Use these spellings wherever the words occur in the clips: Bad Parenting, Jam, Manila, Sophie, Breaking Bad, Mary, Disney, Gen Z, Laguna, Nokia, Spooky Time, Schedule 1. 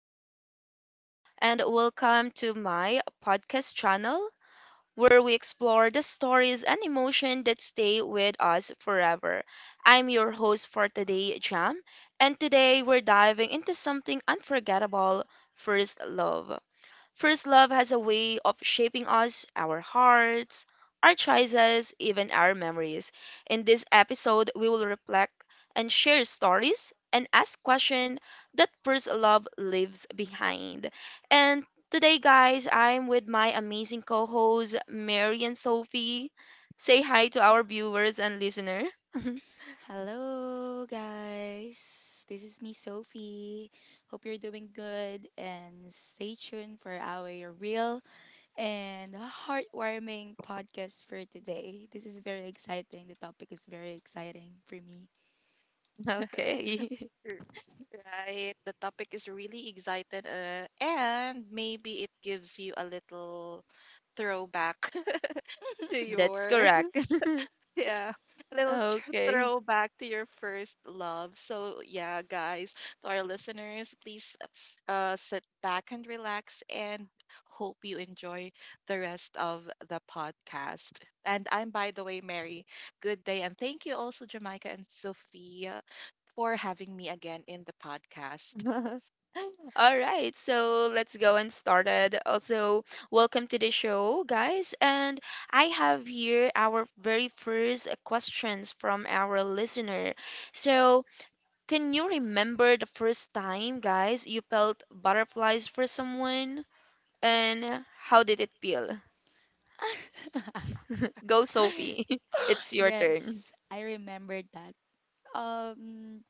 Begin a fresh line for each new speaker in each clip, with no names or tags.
everyone, and welcome to my podcast channel where we explore the stories and emotion that stay with us forever. I'm your host for today, Jam, and today we're diving into something unforgettable first love. First love has a way of shaping us, our hearts, our choices, even our memories. In this episode, we will reflect and share stories and ask questions that first love leaves behind. And today, guys, I'm with my amazing co hosts, Mary and Sophie. Say hi to our viewers and listener.
Hello, guys. This is me, Sophie. Hope you're doing good and stay tuned for our real and heartwarming podcast for today. This is very exciting. The topic is very exciting for me.
Okay.
R- Right. The topic is really exciting, and maybe it gives you a little throwback to
That's
your,
correct.
yeah, a little
Okay.
throwback to your first love. So, yeah, guys, to our listeners, please sit back and relax, and hope you enjoy the rest of the podcast. And I'm, by the way, Mary. Good day, and thank you also, Jamaica and Sophie, for having me again in the podcast.
All right, so let's go and started. Also, welcome to the show, guys. And I have here our very first questions from our listener. So, can you remember the first time, guys, you felt butterflies for someone? And how did it feel? Go, Sophie. It's your turn.
Yes, I remembered that. Um,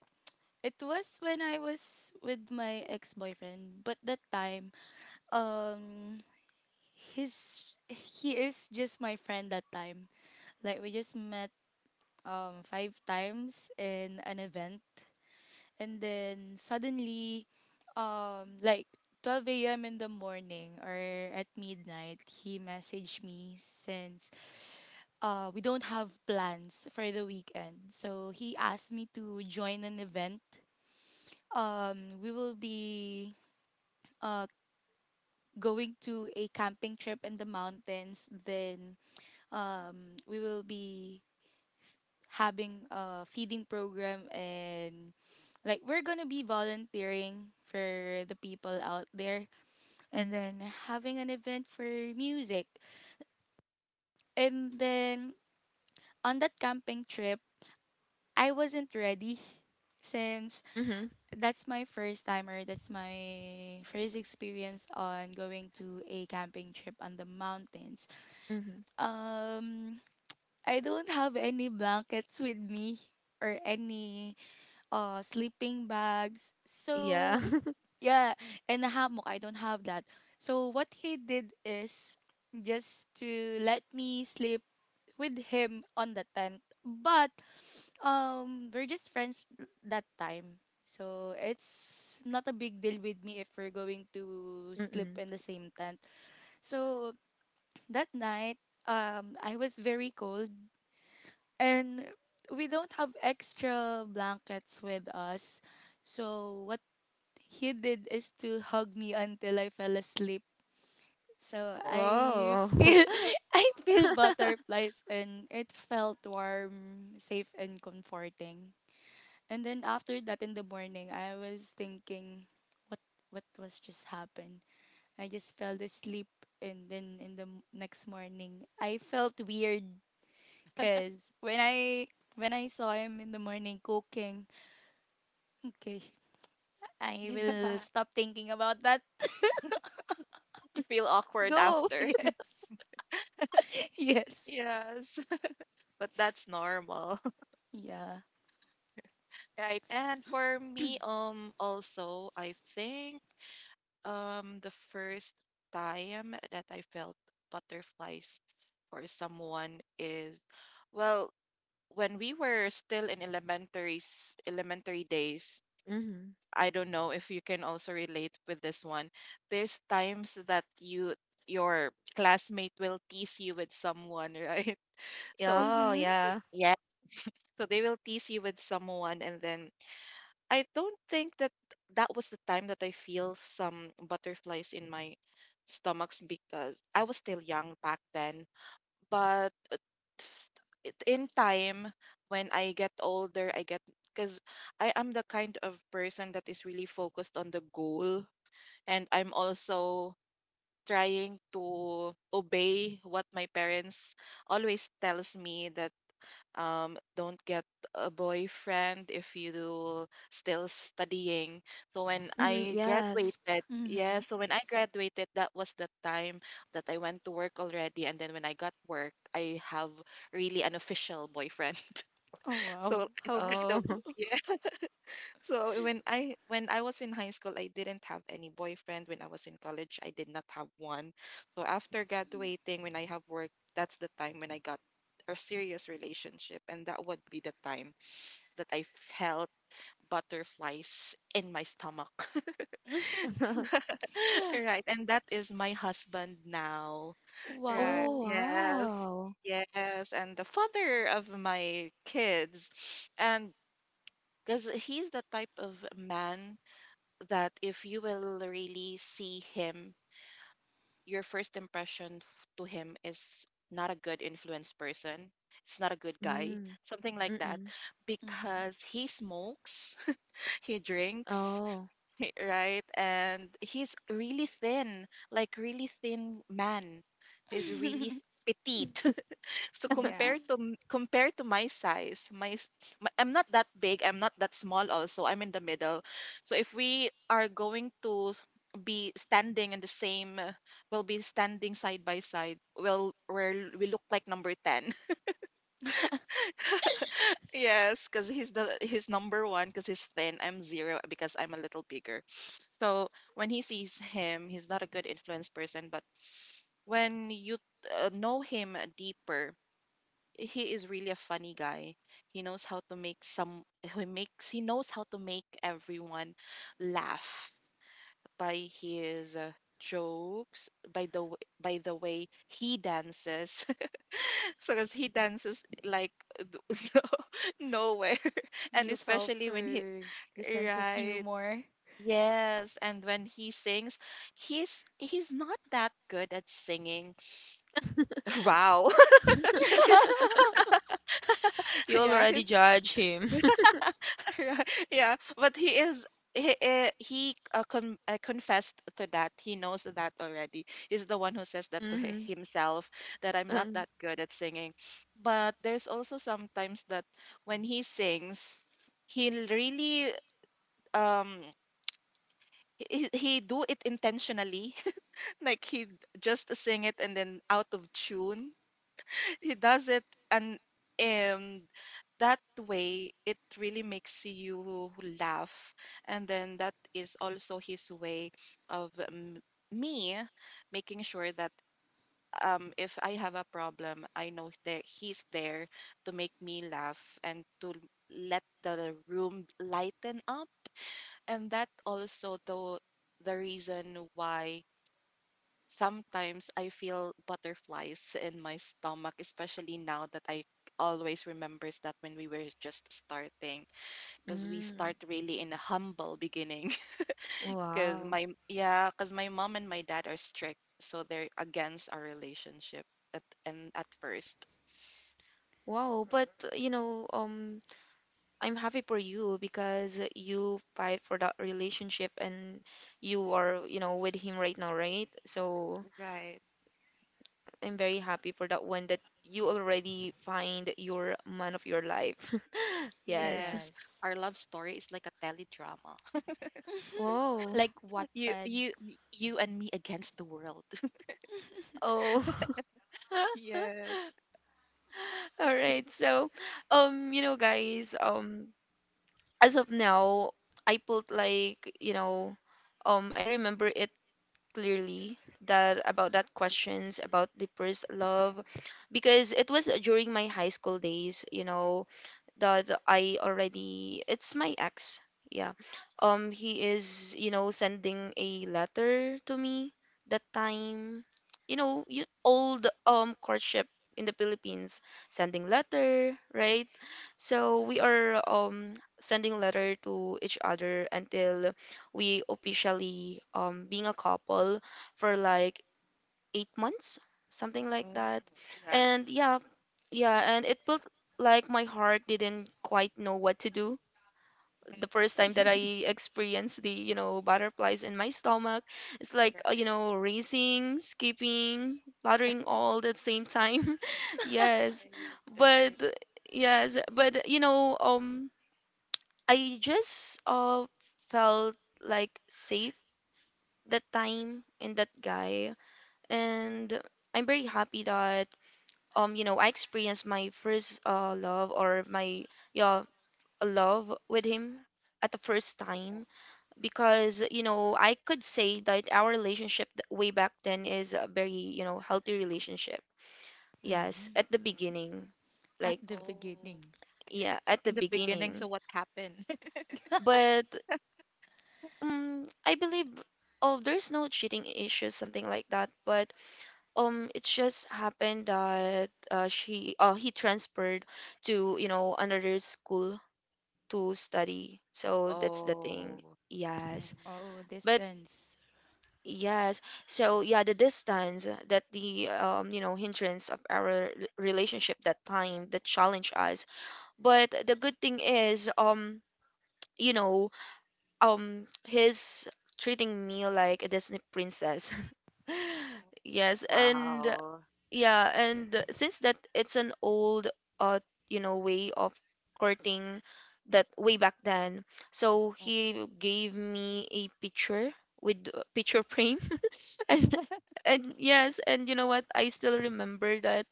it was when I was with my ex-boyfriend, but that time, um, his he is just my friend that time. Like we just met five times in an event and then suddenly um like 12 a.m. in the morning or at midnight he messaged me since we don't have plans for the weekend, so he asked me to join an event. We will be uh going to a camping trip in the mountains, then we will be having a feeding program, and like we're gonna be volunteering for the people out there, and then having an event for music. And then on that camping trip, I wasn't ready since
Mm-hmm.
that's my first time, or that's my first experience on going to a camping trip on the mountains.
Mm-hmm.
um I don't have any blankets with me or any sleeping bags.
Yeah.
So yeah, and a hammock. I don't have that. So what he did is just to let me sleep with him on the tent. But we're just friends that time. So it's not a big deal with me if we're going to sleep
Mm-mm.
in the same tent. So that night, I was very cold, and we don't have extra blankets with us. So what he did is to hug me until I fell asleep. So I
Whoa.
feel I feel butterflies, and it felt warm, safe, and comforting. And then after that in the morning, I was thinking what was just happened. I just fell asleep, and then next morning I felt weird cuz when I saw him in the morning cooking, okay, I will
Yeah.
stop thinking about that.
You feel awkward after.
Yes. Yes.
Yes. But that's normal.
Yeah.
Right. And for me, also, I think the first time that I felt butterflies for someone is, well, when we were still in elementary days.
Go.
I don't know if you can also relate with this one. There's times that your classmate will tease you with someone, right? So,
Oh,
Mhm.
yeah.
yeah, so they will tease you with someone, and then I don't think that that was the time that I feel some butterflies in my stomachs because I was still young back then. But s- in time, when I get older, I get because I am the kind of person that is really focused on the goal, and I'm also trying to obey what my parents always tells me that don't get a boyfriend if you still studying. So when
Hmm,
I
yes.
graduated, yeah,
Mhm.
so when I graduated, that was the time that I went to work already, and then when I got work, I have really an official boyfriend.
Oh wow.
so it's
How
kind
Oh.
of Yeah, so, when I, when I was in high school, I didn't have any boyfriend. When I was in college, I did not have one. So after graduating, when I have work, that's the time when I got a serious relationship, and that would be the time that I felt butterflies in my stomach. Right, and that is my husband now. Right.
Oh,
wow.
Yes.
wow.
Yes, and the father of my kids. And because he's the type of man that if you will really see him, your first impression, to him, is not a good influence person. It's not a good guy,
Mm.
something like that,
Mm-mm.
Mhm.
because he smokes, he drinks,
Oh.
right? And he's really thin, like really thin man. He's really petite. So
Yeah.
compare to my size, my, s- my I'm not that big, I'm not that small also. I'm in the middle. So if we are going to be standing in the same we'll be standing side by side. Well, we look like number 10. Yes, cuz he's number 1 cuz he's thin. I'm 0 because I'm a little bigger. So when he sees him, he's not a good influence person, but when you know him deeper, he is really a funny guy. He knows how to make some he makes he knows how to make everyone laugh by his jokes, by the way he dances. So 'cause he dances like no, nowhere, and
You fell
especially when he
for the sense of
right.
humor.
Yes, and when he sings, he's not that good at singing. Wow. He's,
You
yeah,
already
he's
judge him.
yeah, but he is, he confessed to that. He knows that already. He's the one who says that to
Mm-hmm.
himself, that I'm not
Um,
that good at singing. But there's also sometimes that when he sings, really, um he do it intentionally. Like just sing it and then, out of tune, he does it, and and that way it really makes you laugh. And then that is also his way of me making sure that if I have a problem, I know that he's there to make me laugh and to let the room lighten up. And that also, the reason why sometimes I feel butterflies in my stomach, especially now that I always remembers that, when we were just starting, because we start
mm,
really in a humble beginning. Because
wow.
my Yeah, because my mom and my dad are strict, so they're against our relationship at and at first.
Wow, but you know, I'm happy for you because you fight for that relationship and you are, you know, with him right now, right? So,
Right.
I'm very happy for that one that you already find your man of your life. Yes.
Yes, our
Yes.
love story is like a teledrama.
Whoa.
Like
You
Wattpad.
you you and me against the world.
Oh.
Yes.
All right. So, you know, guys, as of now, I felt like, I remember it clearly that about that questions about the first love because it was during my high school days, you know, that I already it's my ex. Yeah. He is, you know, sending a letter to me that time. You know, you old courtship in the Philippines, sending letter, right? So we are sending letter to each other until we officially being a couple for like 8 months, something like
Mm,
that.
yeah.
And yeah, yeah, and it felt like my heart didn't quite know what to do.
Mhm.
The first time that I experienced the, you know, butterflies in my stomach, it's like, you
Right.
know, racing, skipping, fluttering all at the same time. Yes.
Right.
But
Right.
yes, but you know, I just felt like safe that time in that guy and I'm very happy that you know I experienced my first love or my yeah love with him at the first
Mm.
time because you know I could say that our relationship way back then is a very you know healthy relationship. Yes,
Mhm.
at the beginning,
At
like
the
Oh,
beginning.
yeah, at the
in the beginning,
beginning.
so what happened?
But I believe oh there's no cheating issues something like that. But it just happened that she he transferred to you know another school to study. So that's the thing.
Oh. Mm.
Yes.
Oh,
But
distance.
yes. So yeah, the distance that the you know, hindrance of our relationship that time that challenged us. But the good thing is, you know, his treating me like a Disney princess. Yes, and
Wow.
Yeah, and since that it's an old uh you know way of courting that way back then. So
Mm.
he gave me a picture with a picture frame and and yes, and you know what? I still remember that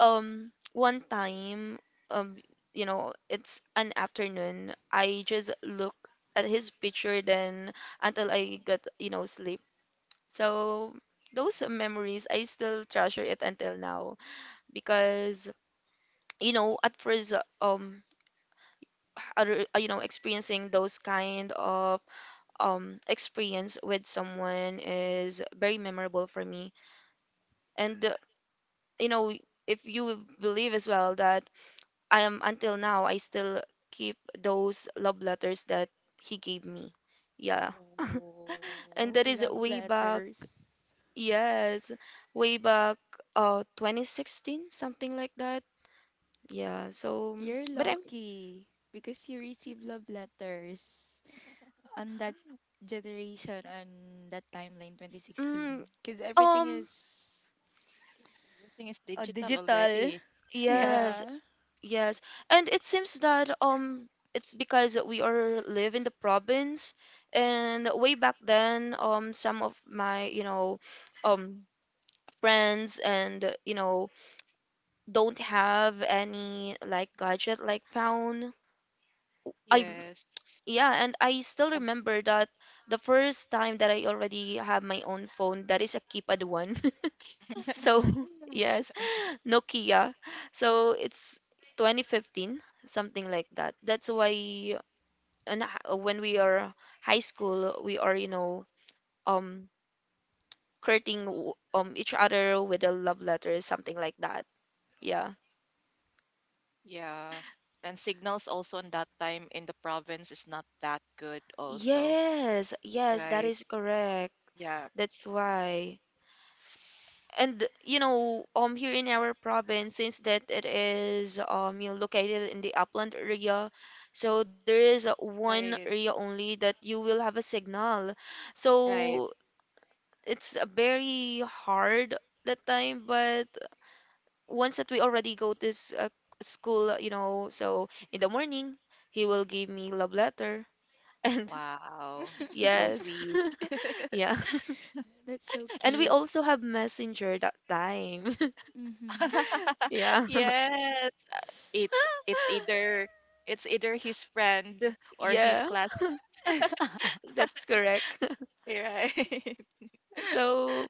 one time um you know, it's an afternoon. I just look at his picture then until I got, sleep. So
Mm.
those memories, I still treasure it until now because you know at first other you know experiencing those kind of experience with someone is very memorable for me and you know if you believe as well that I am until now I still keep those love letters that he gave me yeah and
Oh,
that
Oh,
is
love
way back
letters.
yes way back 2016 something like that yeah so
You're
but I'm
lucky because you receive love letters. On that
mm,
generation, on that timeline
mm,
2016, because everything
um
is
yeah, everything is digital
digital.
already. Yeah.
Yes,
Yeah.
yes. And it seems that it's because we are live in the province and way back then some of my, you know, um friends and you know don't have any like gadget like phone. I
Yes.
yeah, and I still
And
remember that the first time that I already have my own phone that is a keypad one. So, yes. Nokia. So it's 2015, something like that. That's why on when we are high school, we are, you know, um, courting each other with a love letter, something like that. Yeah.
yeah. And signals also in that time in the province is not that good also.
Yes, yes, that
Right.
is correct.
Yeah.
That's why. And you know here in our province since that it is you know located in the upland area so there is one
Right.
area only that you will have a signal
Right.
so it's very hard that time but once that we already go to school you know so in the morning he will give me love letter and
Wow. That's so
yes
sweet.
yeah
That's so
and we
cute.
also have messenger that time
Mm-hmm.
yeah
Yes. It's it's either it's either his friend or his
yeah
class.
That's correct.
Right.
So,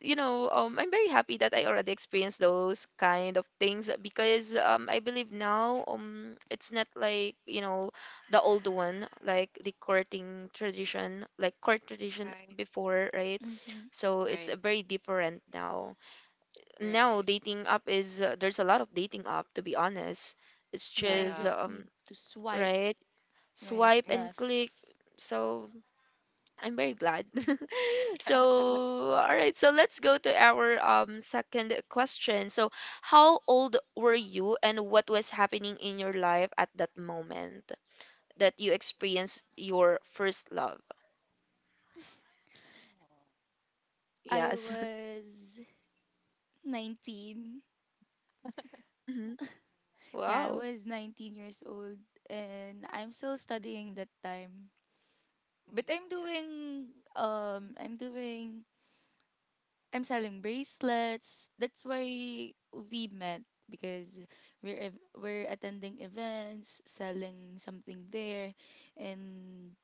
you know, I'm very happy that I already experienced those kind of things because I believe now it's not like, you know, the old one, like the courting tradition, like court tradition
Right.
before, right?
Mm-hmm.
So it's
Right.
very different now. Now,
Right.
dating app is, there's a lot of dating app, to be honest. It's
Yeah, you
just,
Yeah.
just need to swipe
right?
right,
Swipe
Mm.
and
left.
click. So I'm very glad. So, all right. So let's go to our second question. So, how old were you, and what was happening in your life at that moment that you experienced your first love?
I
Yes.
was 19.
Hmm.
Yeah, I
Wow.
was 19 years old, and I'm still studying that time. But
Mm.
I'm
Yeah.
doing um I'm doing I'm selling bracelets. That's why we met, because we're attending events, selling something there, and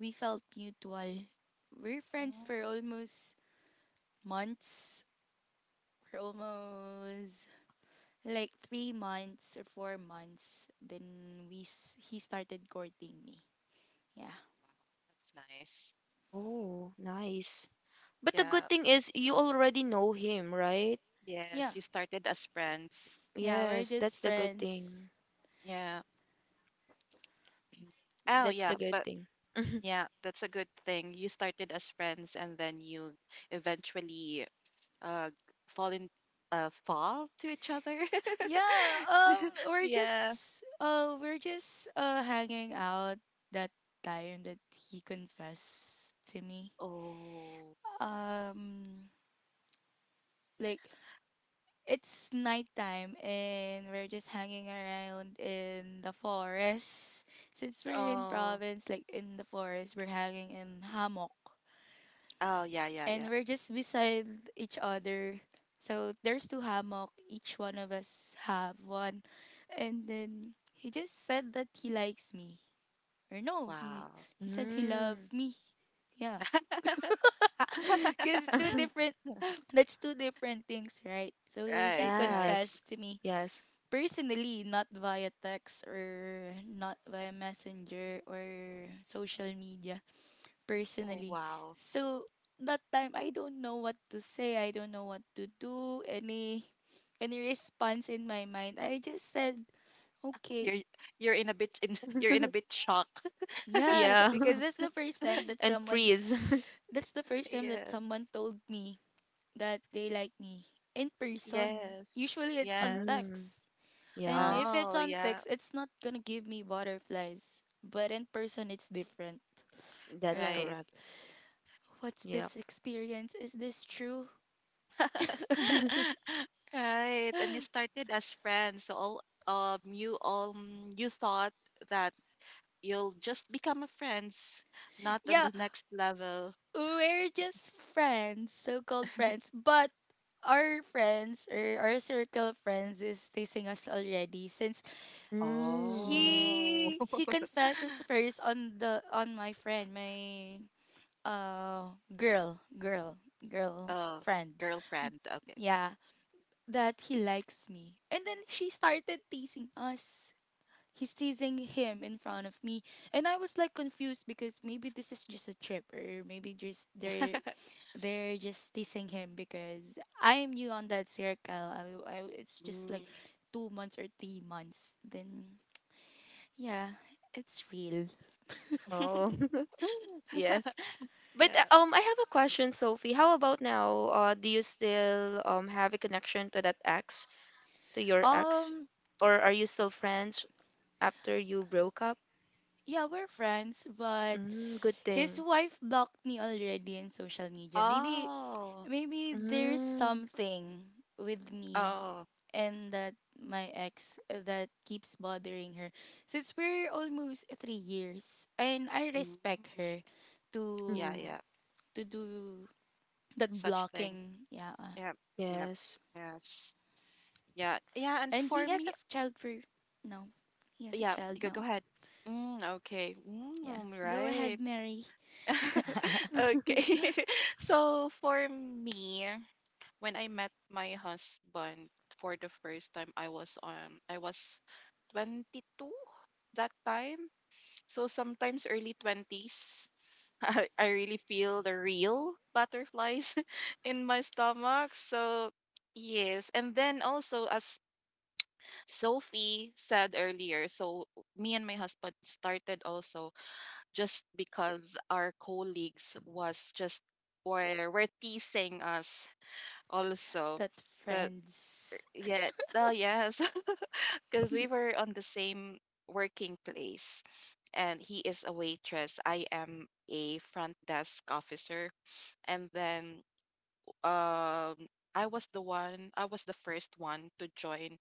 we felt mutual. We're friends
Mm.
for almost months, for almost like 3 months or 4 months. Then he started courting me.
Oh,
Yeah.
wow. That's nice.
Oh, nice. But the
Yeah.
good thing is you already know him, right?
Yeah.
Yes, you started as friends.
Yeah, we're
Yes,
just
that's the good
friends.
thing.
Yeah. Oh,
That's
yeah,
the good
but
thing.
yeah, that's a good thing. You started as friends, and then you eventually uh fall in fall to each other.
Yeah, um we're
Yeah.
just uh we're just uh hanging out that time that he confessed to me.
Oh.
Um like it's nighttime, and we're just hanging around in the forest. Since we're in
Oh.
province, like in the forest, we're hanging in hammock.
Oh, yeah, yeah, yeah.
And we're just beside each other. So there's two hammock. Each one of us have one, and then he just said that he likes me. Or no,
Wow.
he said he
Mm.
loved me. Yeah, cause it's two different. That's two different things, right? So he
Right, right.
Yes.
confessed to me
Yes.
personally, not via text or not via messenger or social media,
Oh,
personally.
wow.
So that time I don't know what to say. I don't know what to do. Any response in my mind. I just said, "Okay."
You're you're in a bit shock.
Yes,
Yeah.
because
and freeze.
that's the first time that
Yes.
someone told me that they like me in person.
Yes.
Usually it's on
Yes.
Mm,
text. And if
yes,
it's
Oh,
on
yeah.
text, it's not gonna give me butterflies. But in person, it's different.
that's
Like,
Right.
correct.
what's
Yeah.
this experience? Is this true?
Right. And you started as friends. So, all you thought that you'll just become a friends, not on
Yeah,
the next level.
we're just friends, so called friends. But our friends or our circle of friends is teasing us already since
Mm,
Oh.
he confesses first on the on my friend, my uh girl, girl, girl
Oh,
friend.
girlfriend. Okay.
Yeah. That he likes me. And then she started teasing us. He's teasing him in front of me. And I was like confused, because maybe this is just a trip, or maybe just they're just teasing him because I'm new on that circle. It's just like
Mm.
2 months or 3 months. Then yeah, it's real.
oh. Yes. But
Yeah.
I have a question, Sophie. How about now? Do you still have a connection to that ex, to your ex?
Um,
Or are you still friends after you broke up?
yeah, we're friends, but
Mm, good
his
thing.
wife blocked me already in social media. Maybe
Oh.
there's
Mm,
something with me
Oh.
and that my ex that keeps bothering her, since we're almost 3 years, and I
Mm.
respect her
Yeah,
mm-hmm,
to
yeah.
to do That
Such thing.
blocking, yeah.
Yeah, yeah,
yes.
yes, yeah, yeah. And
And he
for
has a
me,
f- child for no. He has a
yeah, you
child
go, go
now.
ahead. Mm, okay,
Yeah. Go
right.
ahead, Mary.
Okay. So for me, when I met my husband for the first time, I was 22 that time. So sometimes early 20s. I really feel the real butterflies in my stomach. So yes, and then also, as Sophie said earlier, so me and my husband started also just because our colleagues was just were teasing us also.
That
'Cause-
friends
yeah, yes, because we were on the same working place, and he is a waitress. I am a front desk officer, and then, um, I was the one. I was the first one to join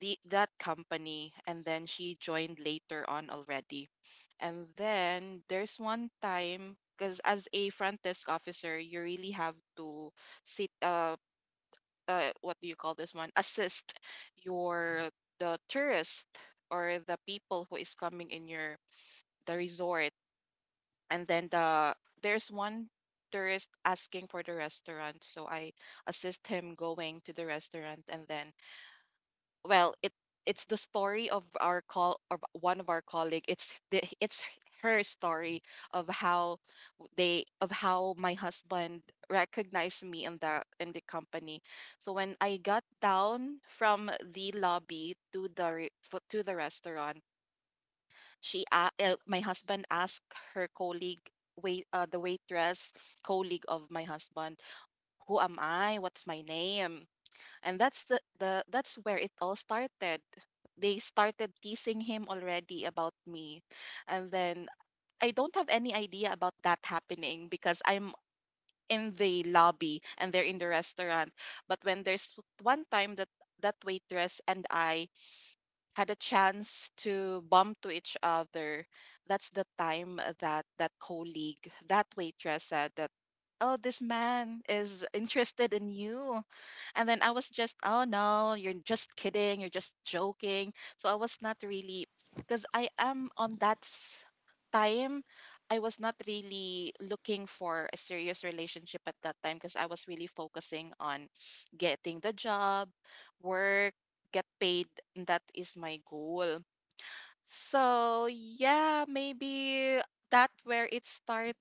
the that company, and then she joined later on already. And then there's one time, because as a front desk officer, you really have to sit, what do you call this one, assist your, the tourist, or the people who is coming in your, the resort. And then, there's one tourist asking for the restaurant, so I assist him going to the restaurant, and then, well, it's the story of our, call of one of our colleague. It's the it's her story of how, they of how my husband recognized me in the company. So when I got down from the lobby to the restaurant, my husband asked her colleague, wait, the waitress colleague of my husband, who am I, what's my name. And that's the that's where it all started. They started teasing him already about me. And then I don't have any idea about that happening, because I'm in the lobby and they're in the restaurant. But when there's one time that that waitress and I had a chance to bump to each other, that's the time that that colleague, that waitress, said that, oh, this man is interested in you. And then I was just, oh no, you're just kidding, you're just joking. So I was not really, because I am on that, time, I was not really looking for a serious relationship at that time, because I was really focusing on getting the job, work, get paid. And that is my goal. So yeah, maybe that where it started,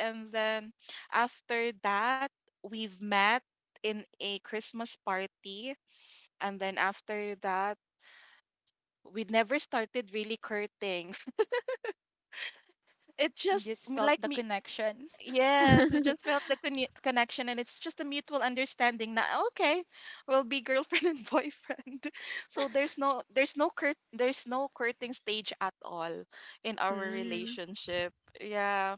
and then after that, we've met in a Christmas party, and then after that, we never started really courting. It just
just felt
like,
the connection.
yes, we just felt the connection, and it's just a mutual understanding that, okay, we'll be girlfriend and boyfriend. So there's no curt there's no courting stage at all in our
Mm.
relationship. Yeah,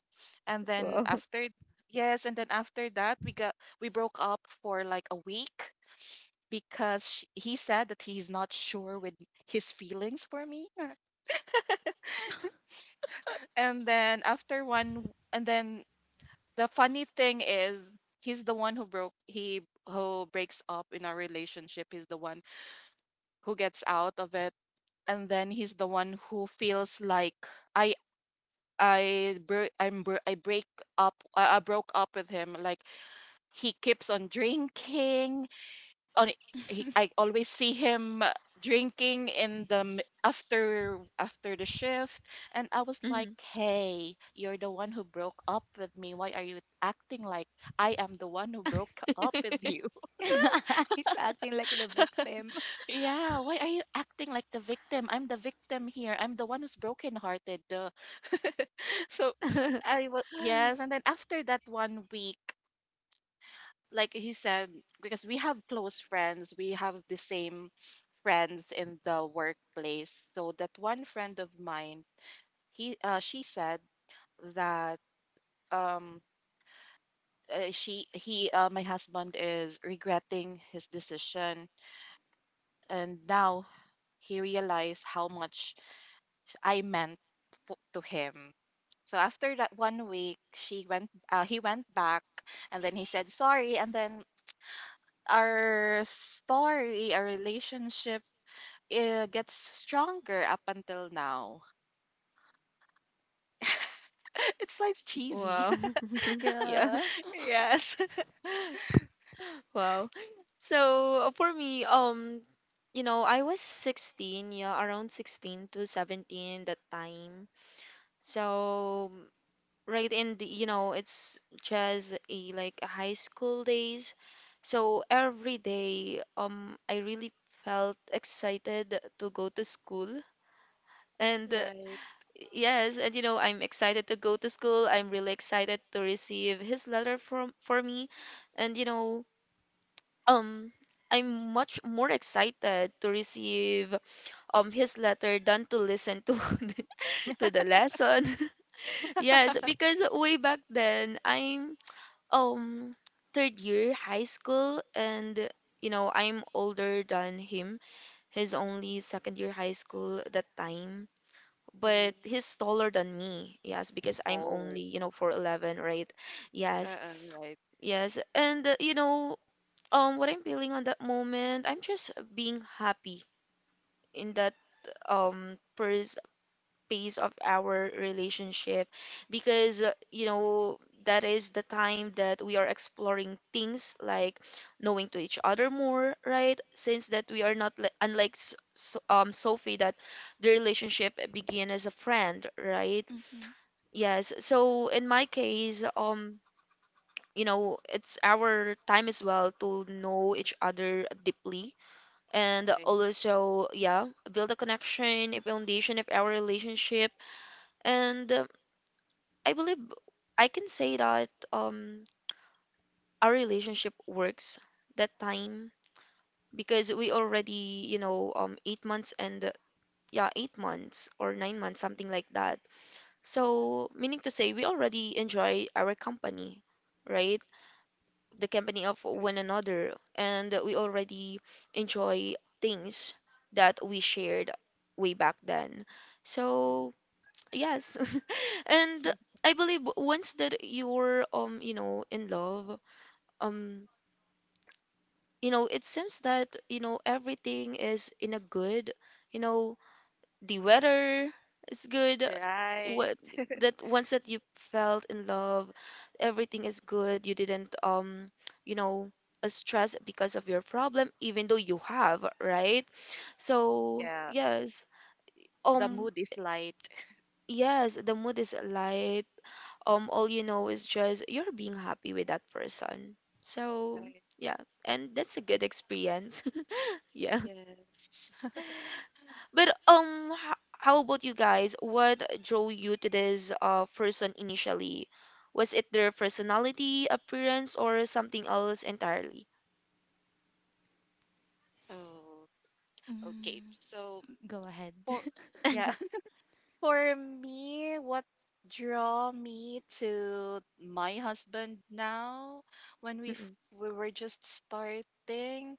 and then
Well.
after, yes, and then after that, we broke up for like a week, because sh he said that he's not sure with his feelings for me. And then, and then the funny thing is, he's the one who broke he who breaks up in our relationship. He's the one who gets out of it, and then he's the one who feels like I I bro- I'm bro- I break up I broke up with him. Like, he keeps on drinking, on I always see him drinking in the after the shift. And I was like,
Hmm.
"Hey, you're the one who broke up with me. Why are you acting like I am the one who broke up with you?"
He's acting like the victim.
Yeah, why are you acting like the victim? I'm the victim here. I'm the one who's brokenhearted. Duh. So I was yes, and then after that 1 week like he said, because we have close friends, we have the same friends in the workplace. So that one friend of mine, he she said that um she he my husband is regretting his decision, and now he realized how much I meant to him. So after that 1 week, she went. He went back, and then he said sorry, and then our relationship it gets stronger up until now. It's like cheesy.
Wow. Yeah.
Yeah.
Yes.
Wow. So for me, you know, I was 16, yeah, around 16 to 17 that time. So right in the, you know, it's just a like a high school days. So every day, I really felt excited to go to school. And
Right.
yes, and you know, I'm excited to go to school. I'm really excited to receive his letter from for me. And you know, um I'm much more excited to receive his letter than to listen to to the lesson. Yes, because way back then I'm um third year high school and you know I'm older than him. He's only second year high school at that time. But
Mm.
he's taller than me, yes, because I'm
Oh.
only, you know, 4'11, right? Yes,
Uh-uh, right.
yes. And, you know, what I'm feeling on that moment, I'm just being happy in that first phase of our relationship because you know that is the time that we are exploring things like knowing to each other more right since that we are not like unlike Sophie that the relationship began as a friend right
Mm-hmm.
yes so in my case you know it's our time as well to know each other deeply and
Right.
also yeah build a connection a foundation of our relationship and I believe I can say that our relationship works that time because we already you know 8 months and yeah 8 months or 9 months something like that so meaning to say we already enjoy our company right the company of one another and we already enjoy things that we shared way back then
Mm.
so yes and I believe once that you're you know in love um you know it seems that you know everything is in a good you know the weather is good
Right.
what that once that you felt in love everything is good you didn't you know stress because of your problem even though you have right so
Yeah.
yes
The
um
mood is light.
yes the mood is light all you know is just you're being happy with that person so
Right.
yeah and that's a good experience yeah
Yes.
But how about you guys? What drew you to this person initially? Was it their personality, appearance, or something else entirely?
Oh, okay.
Mm,
So
go ahead.
for yeah, for me, what draw me to my husband now when
Mm-mm,
we were just starting,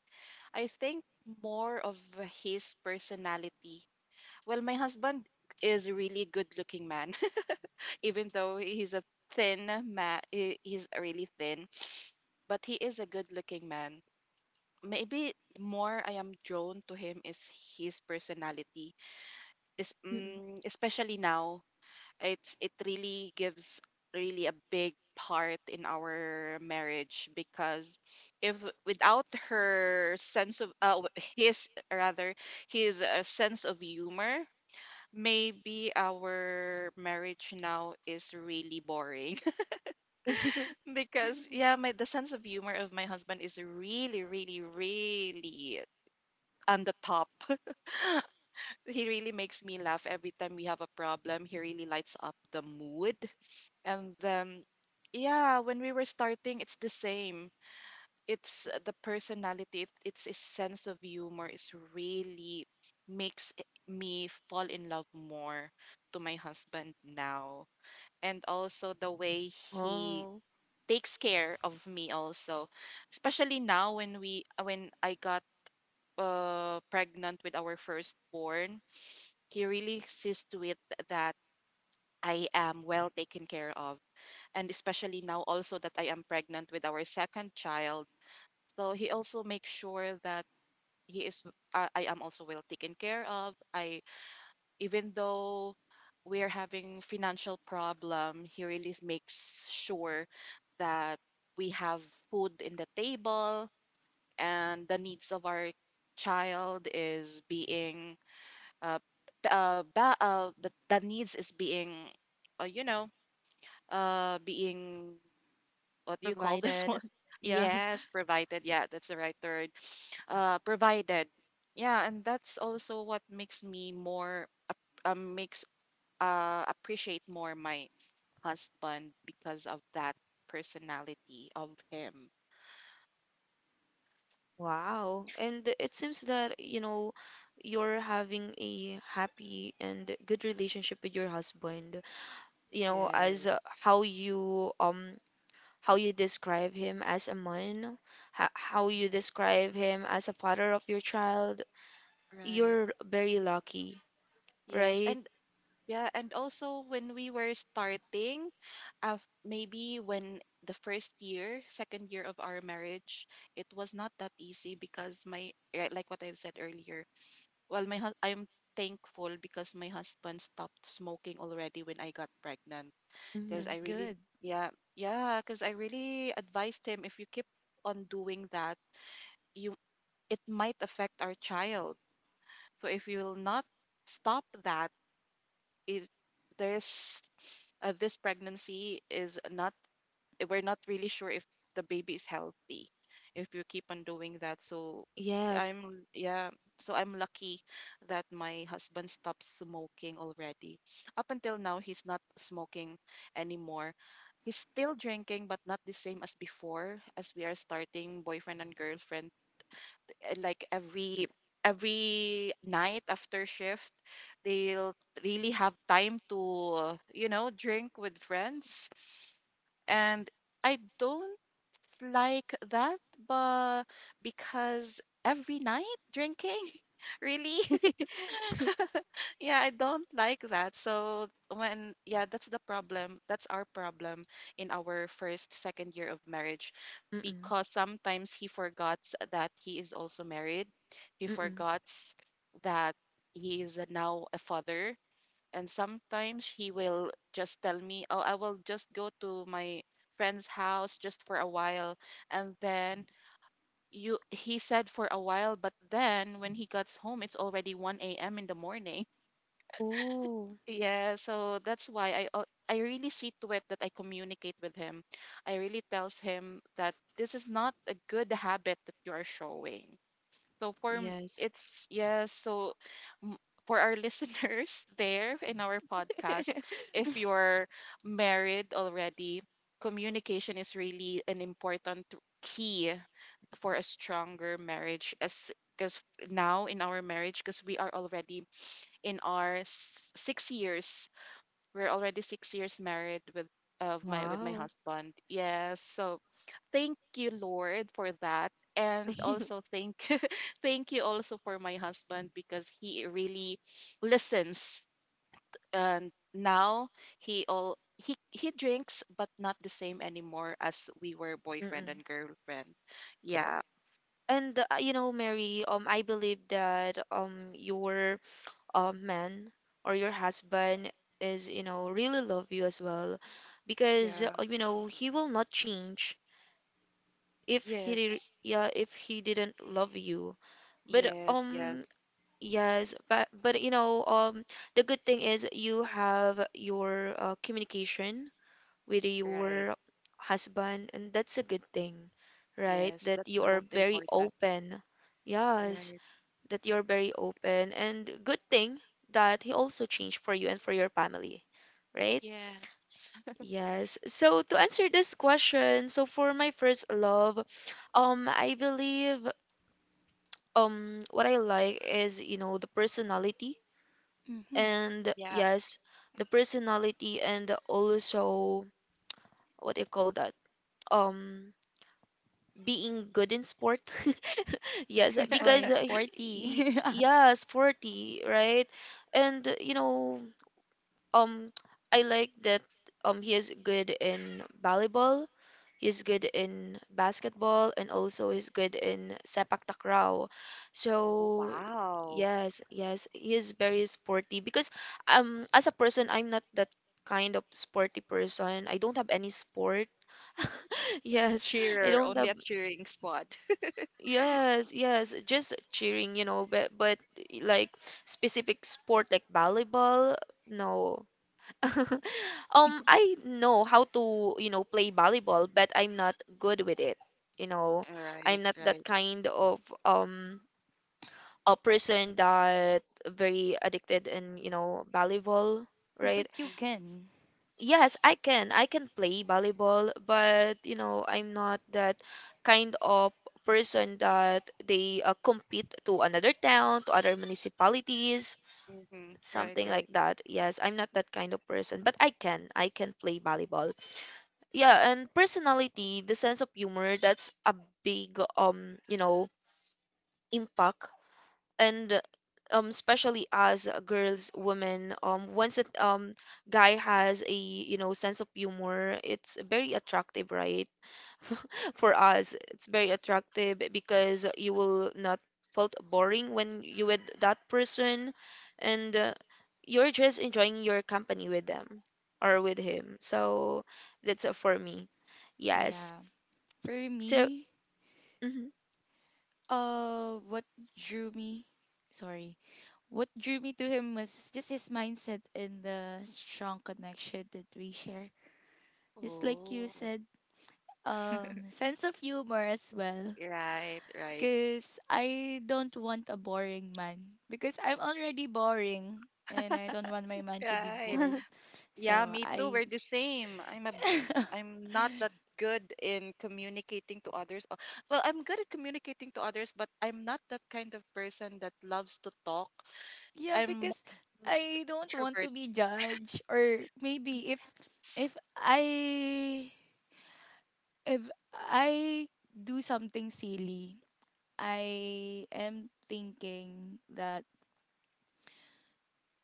I think more of his personality. Well, my husband is a really good looking man, even though he's a thin man, he's really thin, but he is a good looking man. Maybe more I am drawn to him is his personality, is,
mm-mm.
especially now it's it really gives really a big part in our marriage because if without her sense of w- his rather his sense of humor maybe our marriage now is really boring because yeah my the sense of humor of my husband is really really really on the top. He really makes me laugh. Every time we have a problem he really lights up the mood. And yeah, when we were starting, it's the same. It's the personality, it's his sense of humor is really makes me fall in love more to my husband now. And also the way he
Oh,
takes care of me also, especially now when we when I got pregnant with our firstborn, he really sees to it that I am well taken care of, and especially now also that I am pregnant with our second child. So he also makes sure that he is I am also well taken care of. I Even though we're having financial problem, he really makes sure that we have food in the table and the needs of our child is being uh, the needs is being uh, you know being what do you call this
provided.
one?
Yeah.
Yes, provided. Yeah, that's the right word. Provided. Yeah, and that's also what makes me more ap- makes appreciate more my husband because of that personality of him.
Wow. And it seems that, you know, you're having a happy and good relationship with your husband. You know, as
Yes,
how you um how you describe him as a man, how you
right,
describe him as a father of your child,
right.
you're very lucky,
Yes,
right?
and yeah, and also when we were starting, uh, maybe when the first year, second year of our marriage, it was not that easy because yeah, like what I've said earlier, I'm thankful because my husband stopped smoking already when I got pregnant. Because
That's
I
Hmm.
really,
good.
yeah, yeah, because I really advised him if you keep on doing that, you it might affect our child. So if you will not stop that, it there's this pregnancy is not we're not really sure if the baby is healthy if you keep on doing that. So
Yes.
I'm yeah, so I'm lucky that my husband stopped smoking already. Up until now he's not smoking anymore. He's still drinking but not the same as before as we are starting boyfriend and girlfriend. Like every night after shift they'll really have time to you know drink with friends, and I don't like that. But because every night drinking really yeah, I don't like that. So when yeah, that's the problem. That's our problem in our first, second year of marriage
Mm-mm.
because sometimes he forgets that he is also married. He
Mm-mm.
forgets that he is now a father. And sometimes he will just tell me, "Oh, I will just go to my friend's house just for a while." And then you he said for a while, but then when he gets home, it's already 1 a.m. in the morning.
Oh,
Yeah, so that's why I al- I really see to it that I communicate with him. I really tells him that this is not a good habit that you are showing. So
yes.
it's yes, so m- for our listeners there in our podcast, if you're married already, communication is really an important key for a stronger marriage as because now in our marriage because we are already in our 6 years, we're already 6 years married with my
Wow.
husband. Yes. So thank you, Lord, for that. And
Mm-mm.
also thank thank you also for my husband because he really listens. And now he all he drinks but not the same anymore as we were boyfriend and girlfriend. Yeah.
And you know, Mary, I believe that your man or your husband is, you know, really love you as well because
Yeah.
you know, he will not change if he did,
Yes.
yeah if he didn't love you but
Yes. Yes.
yes but you know the good thing is you have your communication with
Right.
your husband, and that's a good thing, right?
Yes.
That
That's
you
the
are
most
very
important.
open, yes,
Right.
that you're very open, and good thing that he also changed for you and for your family, right?
Yes.
Yes. So to answer this question, so for my first love, I believe what I like is, you know, the personality
Mm-hmm.
and
Yeah.
yes, the personality and also what do you call that? Um, being good in sport. Yes,
Oh,
because
he's sporty.
yeah, sporty, right? And you know, um, I like that he is good in volleyball. He's good in basketball, and also he's good in sepak takraw.
Oh,
So
wow.
yes, yes, he is very sporty because as a person I'm not that kind of sporty person. I don't have any sport. Yes, I
Cheer,
don't
only
have,
a cheering squad.
yes, yes, just cheering, you know, but like specific sport like volleyball, no. I know how to, you know, play volleyball, but I'm not good with it. You know,
Right,
I'm not that
right.
kind of a person that very addicted in, you know, volleyball,
But
right?
you can.
Yes, I can. I can play volleyball, but you know, I'm not that kind of person that they compete to another town, to other municipalities,
Mm-hmm. Right,
something like
right.
that. Yes, I'm not that kind of person, but I can. I can play volleyball. Yeah, and personality, the sense of humor, that's a big you know impact. And especially as girls, women, once a guy has a, you know, sense of humor, it's very attractive, right? For us it's very attractive because you will not felt boring when you with that person. And you're just enjoying your company with them or with him. So that's for me, yes,
Yeah. For
so,
me, what drew me? Sorry. What drew me to him was just his mindset and the strong connection that we share. Just like you
Oh,
said, sense of humor as well.
right, right,
Because I don't want a boring man. Because I'm already boring, and I don't want my man to be
right.
bored.
Yeah,
So
me too.
I.
We're the same. I'm not that good in communicating to others. Well, I'm good at communicating to others, but I'm not that kind of person that loves to talk.
Yeah,
I'm more
because
of an
I don't want to
introvert.
be judged. Or maybe if.
Yes.
If I. If I do something silly, I am thinking that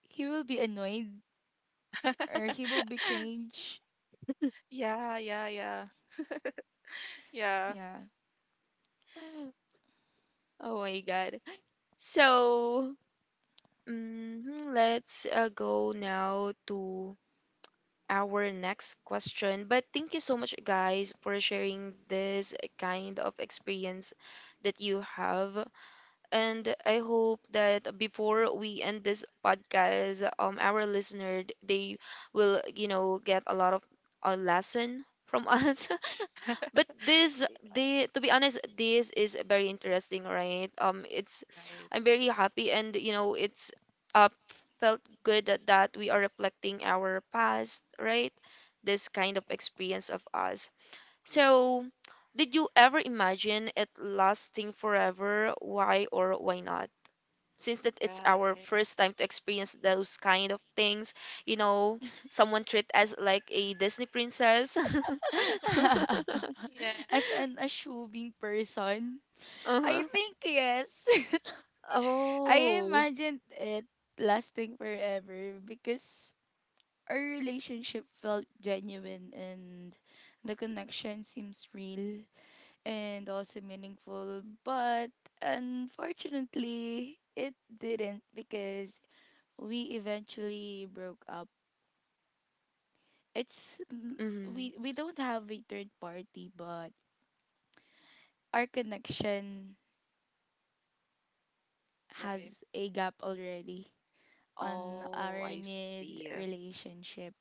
he will be annoyed or he will be cringe.
Yeah, yeah, yeah, yeah.
Yeah.
oh my God. So, mhm, let's go now to our next question. But thank you so much, guys, for sharing this kind of experience that you have. And I hope that before we end this podcast, our listener, they will, you know, get a lot of a lesson from us. But this, they, to be honest, this is very interesting, right? It's
Right,
I'm very happy, and you know, it's uh felt good that we are reflecting our past, right? This kind of experience of us. So did you ever imagine it lasting forever, why or why not, since that it's our
right.
first time to experience those kind of things, you know, someone treat us like a Disney princess.
Yeah,
As an assuming person, I
Uh-huh.
think yes. I
Oh.
imagined it lasting forever because our relationship felt genuine, and the connection seems real and also meaningful. But unfortunately, it didn't, because we eventually broke up. It's n-
Mhm.
we don't have a third party, but our connection
right.
has a gap already on
Oh,
our
I
mid
see.
relationship.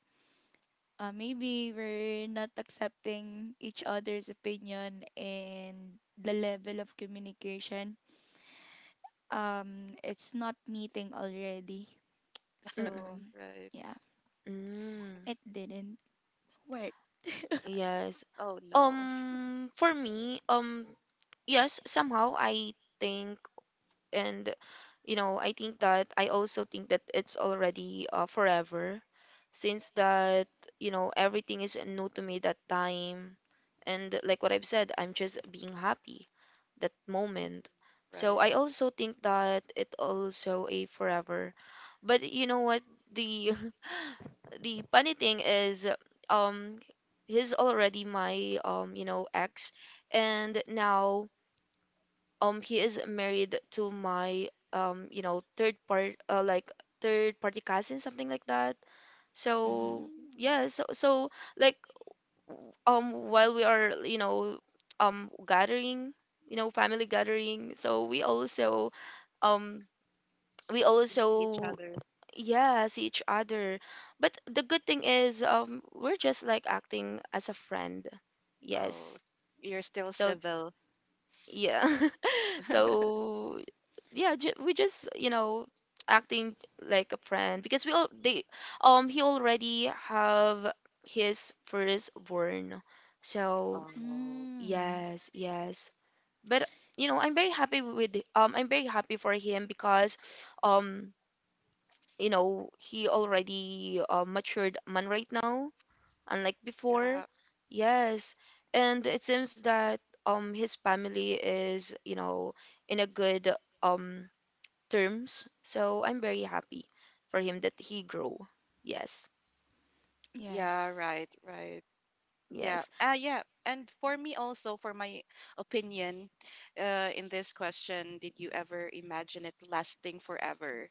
Maybe we're not accepting each other's opinion and the level of communication. It's not meeting already. So,
Mm.
Right.
yeah,
Mm.
it didn't work.
Why?
Yes.
Oh no.
For me, yes, somehow I think and you know I think that I also think that it's already forever since that, you know, everything is new to me that time. And like what I've said, I'm just being happy that
Mm-mm.
moment. So
Right.
I also think that it also a forever. But you know what, the the funny thing is um he's already my you know ex, and now he is married to my you know third part like third party cousin, something like that.
Mm-hmm.
So
Mm.
yeah, so like while we are, you know, gathering, you know, family gathering, so we also um we
See, you see each
also
other.
yeah see each other. But the good thing is we're just like acting as a friend,
Oh,
yes.
you're still
So
civil.
yeah, so yeah, we just, you know, acting like a friend because we all they he already have his firstborn. So
Oh,
Mm,
yes, yes, but you know, I'm very happy with I'm very happy for him because um you know he already matured man right now, unlike before.
yeah.
Yes, and it seems that his family is, you know, in a good um terms. So I'm very happy for him that he grow. Yes.
Yeah,
yes.
right, right. Yeah.
Yes.
Ah, yeah. And for me also, for my opinion, in this question, did you ever imagine it lasting forever?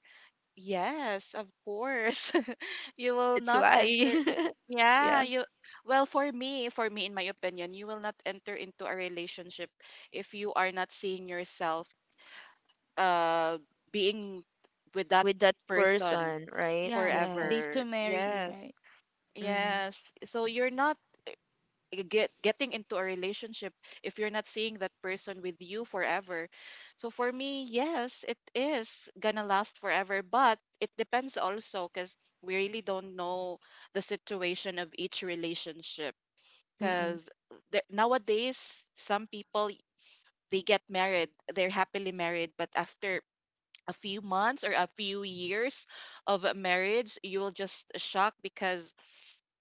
Yes, of course. You will
That's
not
why.
enter.
Yeah.
Yeah, you well for me in my opinion, you will not enter into a relationship if you are not seeing yourself uh being with that
With that
person
person, right?
Yeah,
Yes.
date
forever.
to marry,
Yes.
right?
Mm-hmm.
Yes. So you're not get getting into a relationship if you're not seeing that person with you forever. So for me, yes, it is gonna last forever, but it depends also because we really don't know the situation of each relationship.
Mm-mm.
Because nowadays, some people they get married, they're happily married, but after a few months or a few years of marriage, you will just shock because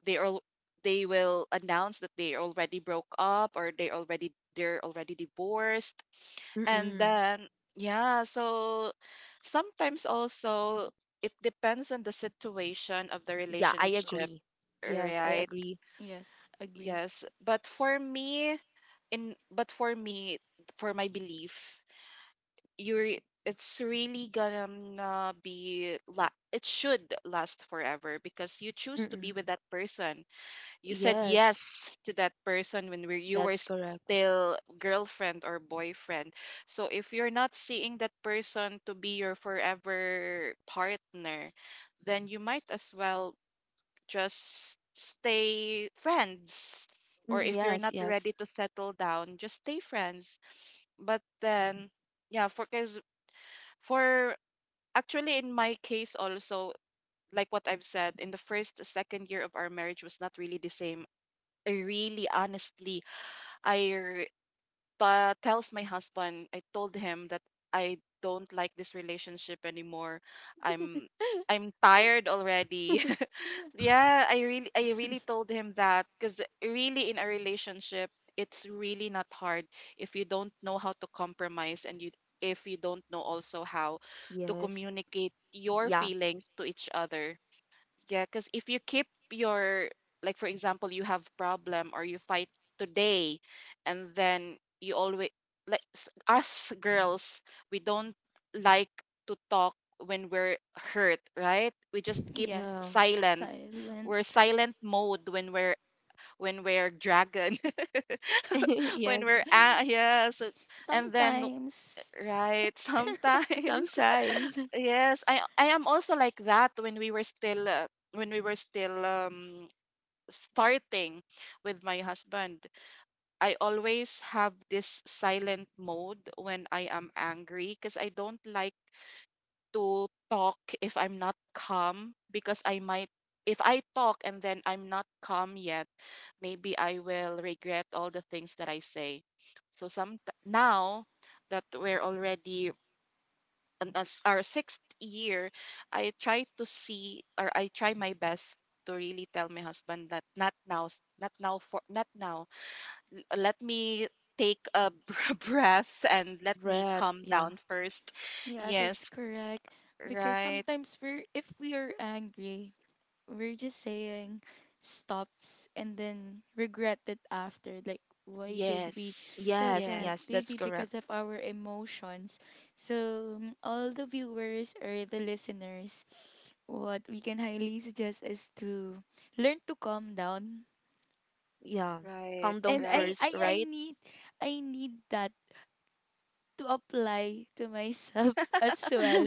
they all they will announce that they already broke up or they're already divorced, and
Mm-mm.
then yeah, so sometimes also it depends on the situation of the
Yeah, I
relationship,
agree. Yes, I
right?
agree.
Yes, agree.
Yes, but for me, for my belief, you re- it's really gonna it should last forever because you choose to be
Mm-mm.
with that person. You said
Yes,
yes to that person when you were
that's correct.
still girlfriend or boyfriend. So if you're not seeing that person to be your forever partner, then you might as well just stay friends. Or
Mm,
if you're
yes,
not
yes.
ready to settle down, just stay friends. But then, yeah, for because for actually in my case also, like what I've said, in the first second year of our marriage was not really the same. I really honestly I r- tells my husband. I told him that I don't like this relationship anymore. I'm I'm tired already. Yeah, I really told him that cuz really in a relationship it's really not hard if you don't know how to compromise and you if you don't know also how to
Yes.
communicate your
Yeah.
feelings to each other. Yeah, because if you keep your, like for example, you have problem or you fight today, and then you always us girls, we don't like to talk when we're hurt, right? We just keep
Yeah.
Yes,
silent.
silent.
We're silent mode when we're dragon, when
Yes.
we're ah yes, and then
Sometimes.
right sometimes.
Sometimes. A
Yes, I am also like that when we were still when we were still starting with my husband. I always have this silent mode when I am angry because I don't like to talk if I'm not calm, because I might if I talk and then I'm not calm yet, maybe I will regret all the things that I say. So some now that we're already on our sixth year, I try to see or I try my best to really tell my husband that not now, not now for not now. Let me breath and let me
have.
calm
Yeah.
down first.
Yeah, that's
Yes,
correct. Because
right.
sometimes we're if we are angry, we're just saying stops and then regret it after. Like why did we
Yes,
said
Yes.
that?
Yes. That's
Maybe
yes.
correct.
because of our emotions. So mm, all the viewers or the listeners, what we can highly suggest is to learn to calm down.
Yeah.
Right,
Calm down
And
right,
first,
I
right?
need that to apply to myself as well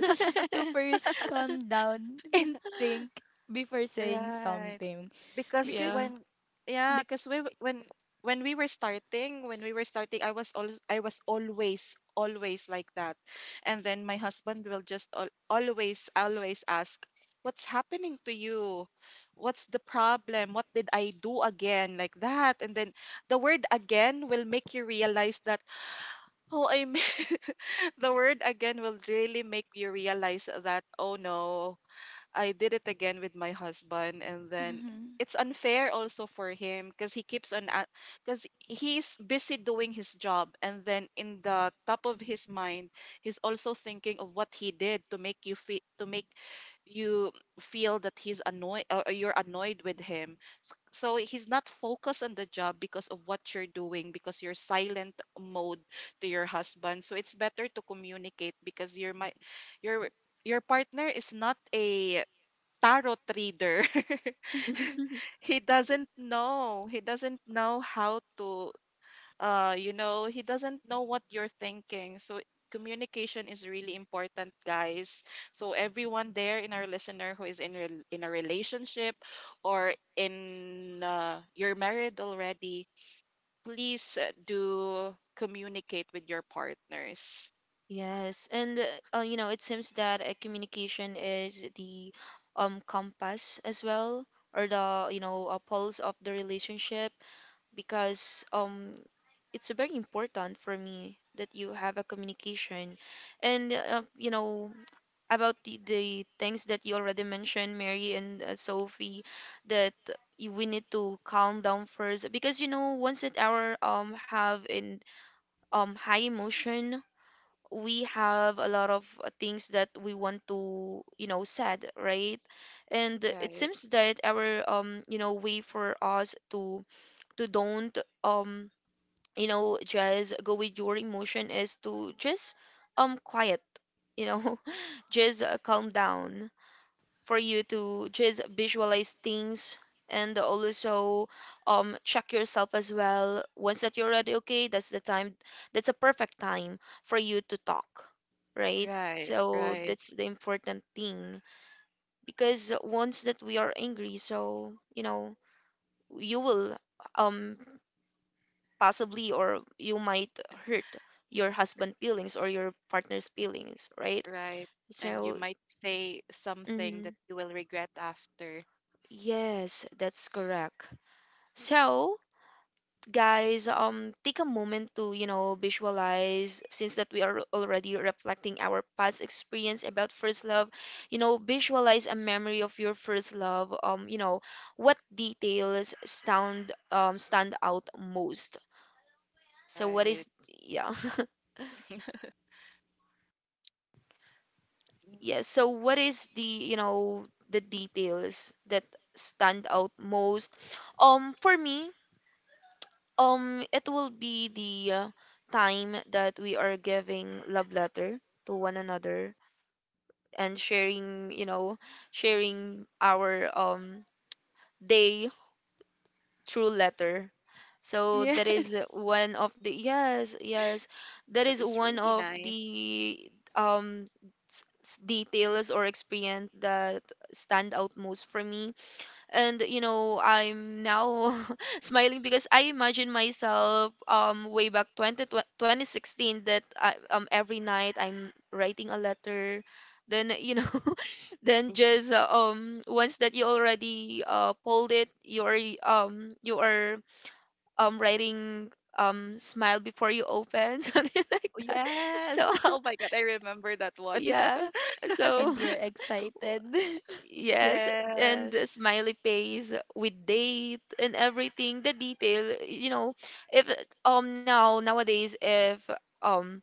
to first calm down and think before saying
right.
something
because
Yeah.
because
when yeah
be-
because we w- when we were starting I was I was always always like that. And then my husband will just always always ask, "What's happening to you? What's the problem? What did I do again?" Like that. And then the word "again" will make you realize that, oh, I the word "again" will really make you realize that, oh no, I did it again with my husband. And then
mhm.
it's unfair also for him because he keeps on because he's busy doing his job and then in the top of his mind he's also thinking of what he did to make you feel, to make you feel that he's annoyed, or you're annoyed with him. So he's not focused on the job because of what you're doing, because you're silent mode to your husband. So it's better to communicate because you're my your partner is not a tarot reader. He doesn't know. He doesn't know how to, you know, he doesn't know what you're thinking. So communication is really important, guys. So everyone there in our listener who is in a relationship, or in, you're married already, please, do communicate with your partners.
Yes. And, you know, it seems that communication is the compass as well, or the, you know, pulse of the relationship because it's very important for me that you have a communication. And, you know, about the things that you already mentioned, Mary, and Sophie, that you, we need to calm down first because, you know, once that our have in high emotion, we have a
Right,
lot of things that we want to, you know, said, right? And it
right,
seems that our you know way for us to don't um you know just go with your emotion is to just quiet, you know, just calm down for you to just visualize things, and also check yourself as well. Once that you're ready, okay, that's the time, that's a perfect time for you to talk, right?
right,
So
right.
that's the important thing because once that we are angry, so you know, you will um possibly, or you might hurt your husband feelings or your partner's feelings, right?
Right? And you
So
might say something that
mhm,
you will regret after.
yes, that's correct. So guys, take a moment to, you know, visualize since that we are already reflecting our past experience about first love. You know, visualize a memory of your first love. You know, what details stand out most? So what
Right.
is, yeah
Mm.
yeah, so what is, the you know, the details that stand out most for me? It will be the time that we are giving love letter to one another and sharing, you know, sharing our day through letter. So that is
Yes,
one of the yes, yes, that
That
is
is
one
really
of
nice.
the details or experience that stand out most for me. And you know, I'm now smiling because I imagine myself way back 2016 that I, every night I'm writing a letter, then you know then just once that you already pulled it, you are writing smile before you open something like
Oh,
that.
yes.
So
Oh my God, I remember that one.
yeah, so
and you're excited.
Yes, and the
Yes.
smiley face with date and everything, the detail, you know, if now nowadays, if um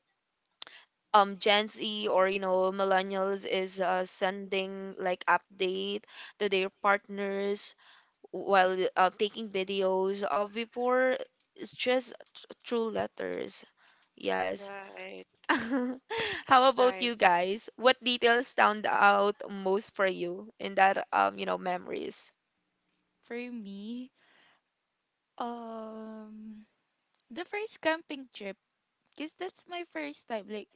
Gen Z or, you know, millennials is sending like update to their partners, while taking videos of before, it's just true letters. Yes,
Right.
How about
Right.
you guys? What details stand out most for you in that you know, memories?
For me, um the first camping trip, because that's my first time, like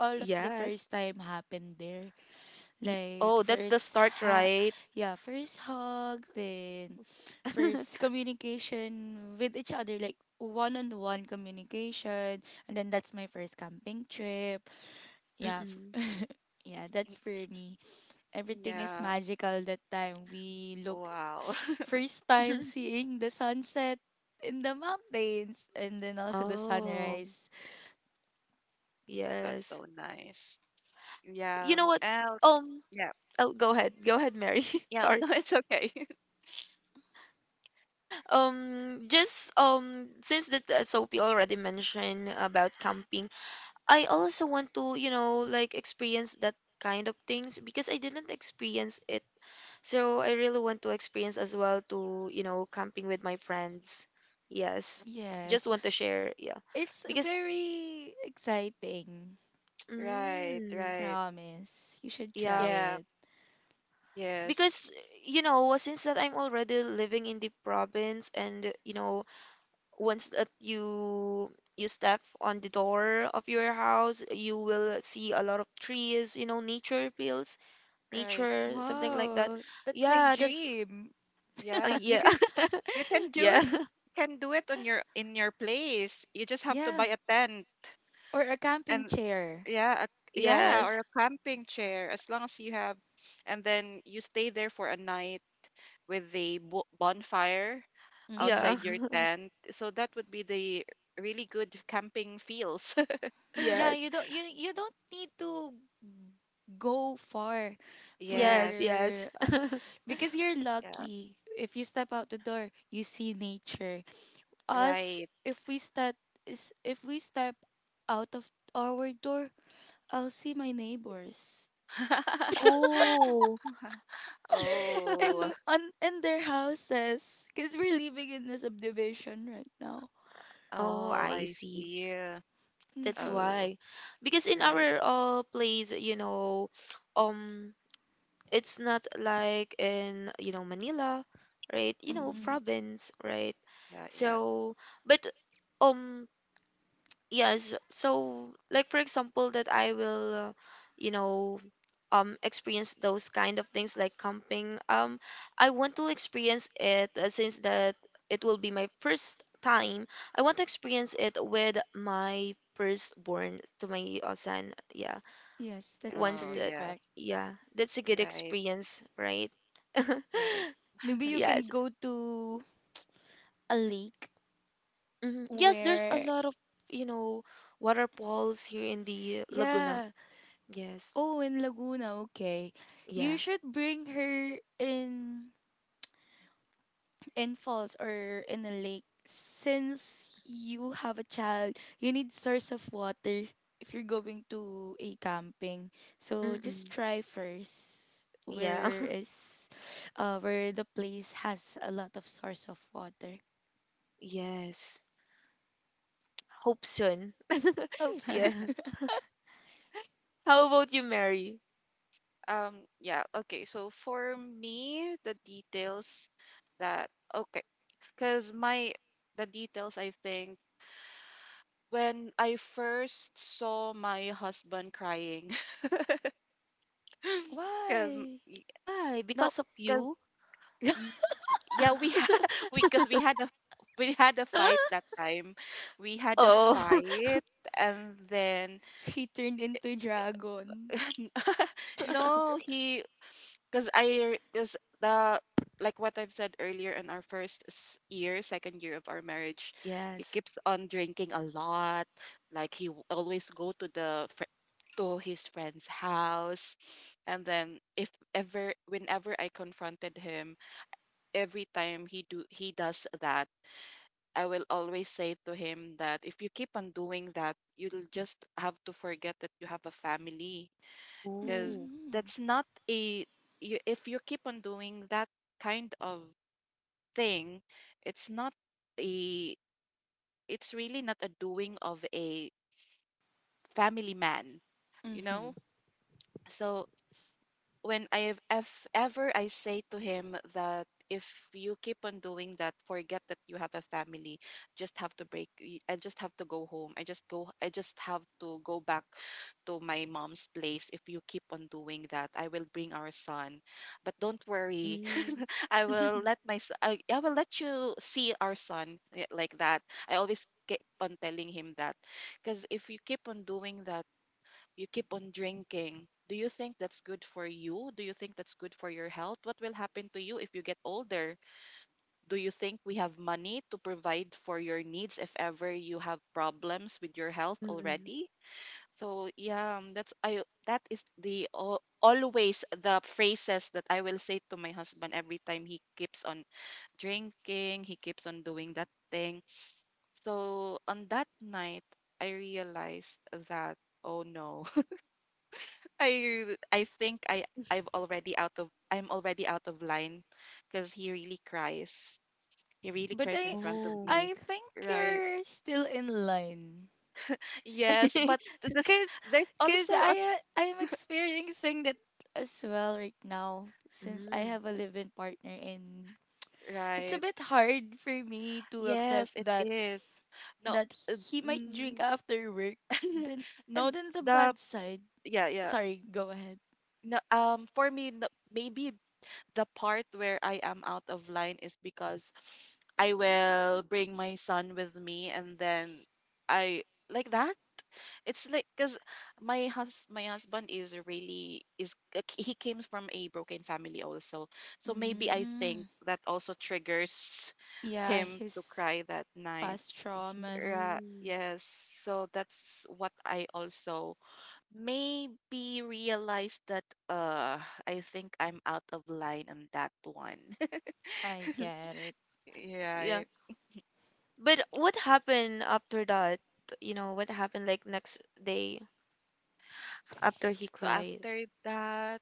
all of the
Yes.
first time happened there. Like
Oh, that's the
first
start,
ha
right?
yeah, first hug, then first communication with each other, like one on one communication. And then that's my first camping trip. Yeah. f-
Mm-mm.
yeah, that's for me. Everything is
Yeah.
magical that time. We look
Wow.
first time seeing the sunset in the mountains, and then also the
Oh,
sunrise.
That's
yes.
so nice.
You
Yeah.
know what?
Oh,
Um,
yeah.
oh, go ahead. Go ahead, Mary.
Yeah.
Sorry.
No, it's okay.
Just since that Sophie already mentioned about camping, I also want to, you know, like experience that kind of things because I didn't experience it. So I really want to experience as well to, you know, camping with my friends. Yes. Just
Yes,
want to share, yeah.
it's
Because
very exciting.
Right.
mm,
Right.
Promise. You should try
yeah,
Yeah.
it.
Yes.
because you know, since that I'm already living in the province and you know, once that you step on the door of your house, you will see a lot of trees, you know, nature feels,
Right.
nature, something like that.
Wow, that's my
Yeah,
You,
that's
dream.
yeah. You
yeah.
can. You can do
Yeah.
it. You can do it on your in your place. You just have to
Yeah.
buy a tent
Or a camping
and
chair.
yeah, a, yeah,
Yes.
or a camping chair, as long as you have, and then you stay there for a night with a bonfire
Yeah.
outside
Mm-hmm.
your tent. So that would be the really good camping feels.
Yeah,
Yes.
you don't you don't need to go far
Yes,
Yes.
yes.
for because you're
Yeah,
lucky. If you step out the door, you see nature. Us,
right.
if we step is if we step out of our door, I'll see my neighbors
Oh.
Oh,
and on and their houses, because we're living in a subdivision right now.
Oh,
oh,
I
I
see.
see.
That's
Mm-hmm.
Oh,
why. Because in
right.
our place, you know, um it's not like in, you know, Manila, right? You know,
Mm-hmm.
Mm.
province, right?
Yeah, yeah.
So, but um yes, so like for example that I will you know experience those kind of things like camping. I want to experience it since that it will be my first time. I want to experience it with my firstborn, to my son, yeah,
Yes, that's
once
Oh,
that,
perfect.
yes.
yeah, that's a good
Right,
experience, right?
right.
Maybe you can
Yes,
go to a lake
hmm, yes, there's a
where,
lot of, you know, waterfalls here in the Laguna,
yeah.
yes.
Oh, in Laguna, okay. You
Yeah.
should bring her in falls or in a lake, since you have a child. You need source of water if you're going to a camping. So just
Mm-mm.
try first.
Yeah.
Where is, where the place has a lot of source of water.
Yes. Hope soon.
Oops.
Yeah. How about you, Mary?
Yeah, okay. So for me, the details that, okay, cause my the details, I think, when I first saw my husband crying, cause
Why?
Why?
no,
Because of you?
cause yeah, we had cause we had a we had a fight that time. We had a
Oh.
fight and then
She turned into dragon.
no, he— because I, because the, like what I've said earlier, in our first year, second year of our marriage, he
Yes.
keeps on drinking a lot. Like he always go to the, to his friend's house. And then if ever, whenever I confronted him, every time he do, he does that, I will always say to him that if you keep on doing that, you'll just have to forget that you have a family, because
Ooh.
Mhm.
that's not a— you, if you keep on doing that kind of thing, it's not a, it's really not a doing of a family man, you know. So when I have, if ever I say to him that if you keep on doing that, forget that you have a family. Just have to break. I just have to go home. I just go. I just have to go back to my mom's place. If you keep on doing that, I will bring our son. But don't worry,
Mm.
I will let my. I will let you see our son, eh, like that. I always keep on telling him that, because if you keep on doing that, you keep on drinking, do you think that's good for you? Do you think that's good for your health? What will happen to you if you get older? Do you think we have money to provide for your needs if ever you have problems with your health
Mm-mm.
already? So yeah, that is the always the phrases that I will say to my husband every time he keeps on drinking, he keeps on doing that thing. So on that night, I realized that, oh no. I I think I I've already out of, I'm already out of line, because he really cries. He really
But
cries in front of
Oh.
me.
I think
Right.
you're still in line.
Yes, but this,
Cause,
there's
cause
also a—
I I'm experiencing that as well right now, since I
Mm.
have a live-in partner, and it's a
right.
bit hard for me to accept
Yes, it
that
is. No,
that
uh,
he might drink
mm,
after work. Then
no,
and then the
the—
bad side.
yeah, yeah.
Sorry, go ahead.
No, um, for me, no, maybe the part where I am out of line is because I will bring my son with me. And then I, like that, it's like, because my husband is really is like, he came from a broken family also, so maybe I
Mm,
think that also triggers
yeah,
him to
his
cry that night.
past traumas.
Mm.
Yes, so that's what I also maybe realized, that, uh, I think I'm out of line on that one.
I get it.
Yeah.
Yeah.
But what happened after that? You know, what happened like next day after he
So
cried?
after that,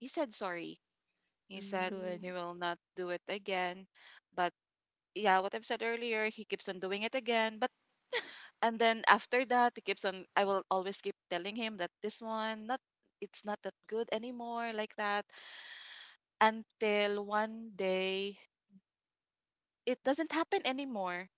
he said sorry. He said
Good.
Mm.
he will not do it again. But yeah, what I've said earlier, he keeps on doing it again. But— and then after that, he keeps on— I will always keep telling him that this one, not, it's not that good anymore, like that. Until one day, it doesn't happen anymore.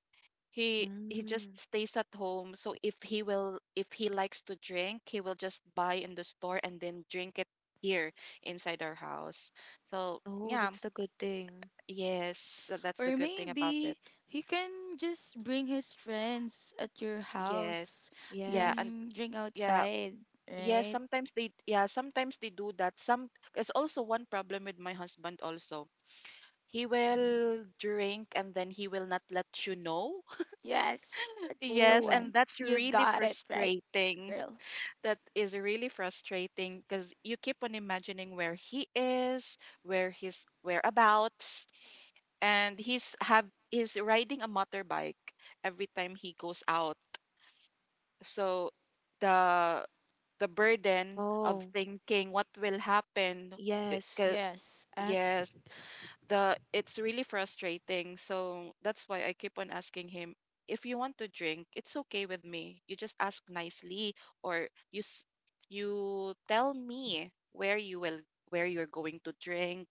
He just
Mm.
stays at home. So if he will, if he likes to drink, he will just buy in the store and then drink it here inside our house. So
Oh,
yeah,
that's the good thing.
yes, so that's the
Or
good thing about it.
maybe he can just bring his friends at your
Yes,
house,
yeah,
Yes.
and
then drink
yeah.
outside,
Yes,
right?
sometimes they— yeah, sometimes they do that. Some— it's also one problem with my husband also. He will drink and then he will not let you know.
Yes, that's the
Yes,
Oh,
and
one.
that's
You
really
got it right,
frustrating.
girl.
That is really frustrating because you keep on imagining where he is, where his whereabouts, and he's riding a motorbike every time he goes out. So the the burden of
oh,
thinking what will happen. it
yes.
ca-
Yes, ac
Yes, the it's really frustrating. So that's why I keep on asking him, if you want to drink, it's okay with me. You just ask nicely, or you tell me where you will, where you're going to drink,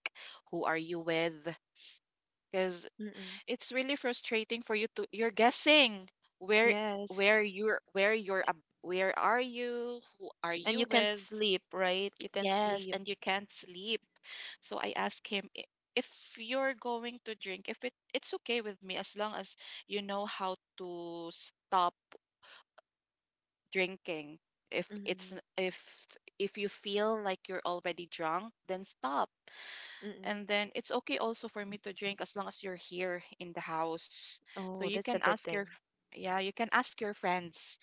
who are you with? Because
Mm-mm.
it's really frustrating for you to— you're guessing where,
Yes.
where you're where are you, who are
And
you
you can't
with?
sleep, right? You can't
Yes,
sleep.
and you can't sleep. So I asked him, "I— if you're going to drink, if it— it's okay with me, as long as you know how to stop drinking. If
Mm-mm.
if if you feel like you're already drunk, then stop.
Mm-mm.
And then it's okay also for me to drink as long as you're here in the house. So
Oh,
you
that's a
can
good
ask
thing.
your— yeah, you can ask your friends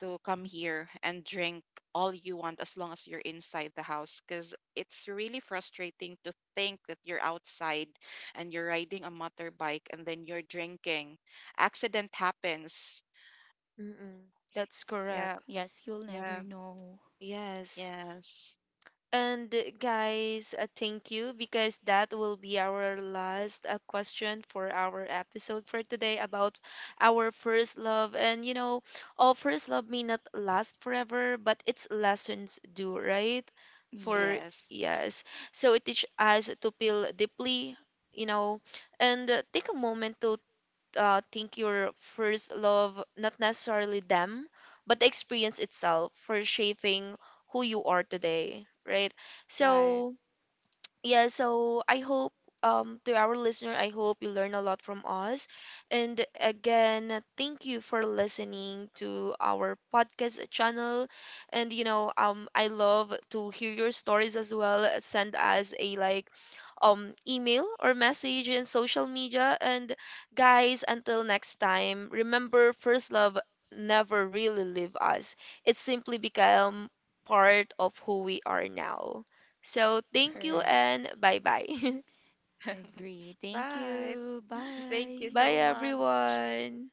to come here and drink all you want as long as you're inside the house, because it's really frustrating to think that you're outside and you're riding a motorbike and then you're drinking. Accident happens.
Mm-mm. That's
Yeah,
correct.
yes, you'll never
yeah,
know.
Yes.
yes,
And guys, thank you because that will be our last question for our episode for today about our first love. And you know, all first love may not last forever, but its lessons do, right? For
yes,
Yes,
yes. So it teaches us to feel deeply, you know, and take a moment to think your first love, not necessarily them, but the experience itself for shaping who you are today, right?
right.
So, yeah, so I hope to our listener, I hope you learn a lot from us. And again, thank you for listening to our podcast channel. And you know, I love to hear your stories as well. Send us a like, email, or message in social media. And guys, until next time, remember first love never really leave us. It simply become part of who we are now. So thank you
correct.
and bye bye.
Agree. Thank
Bye.
you.
Thank you
Bye.
Bye
so much.
everyone.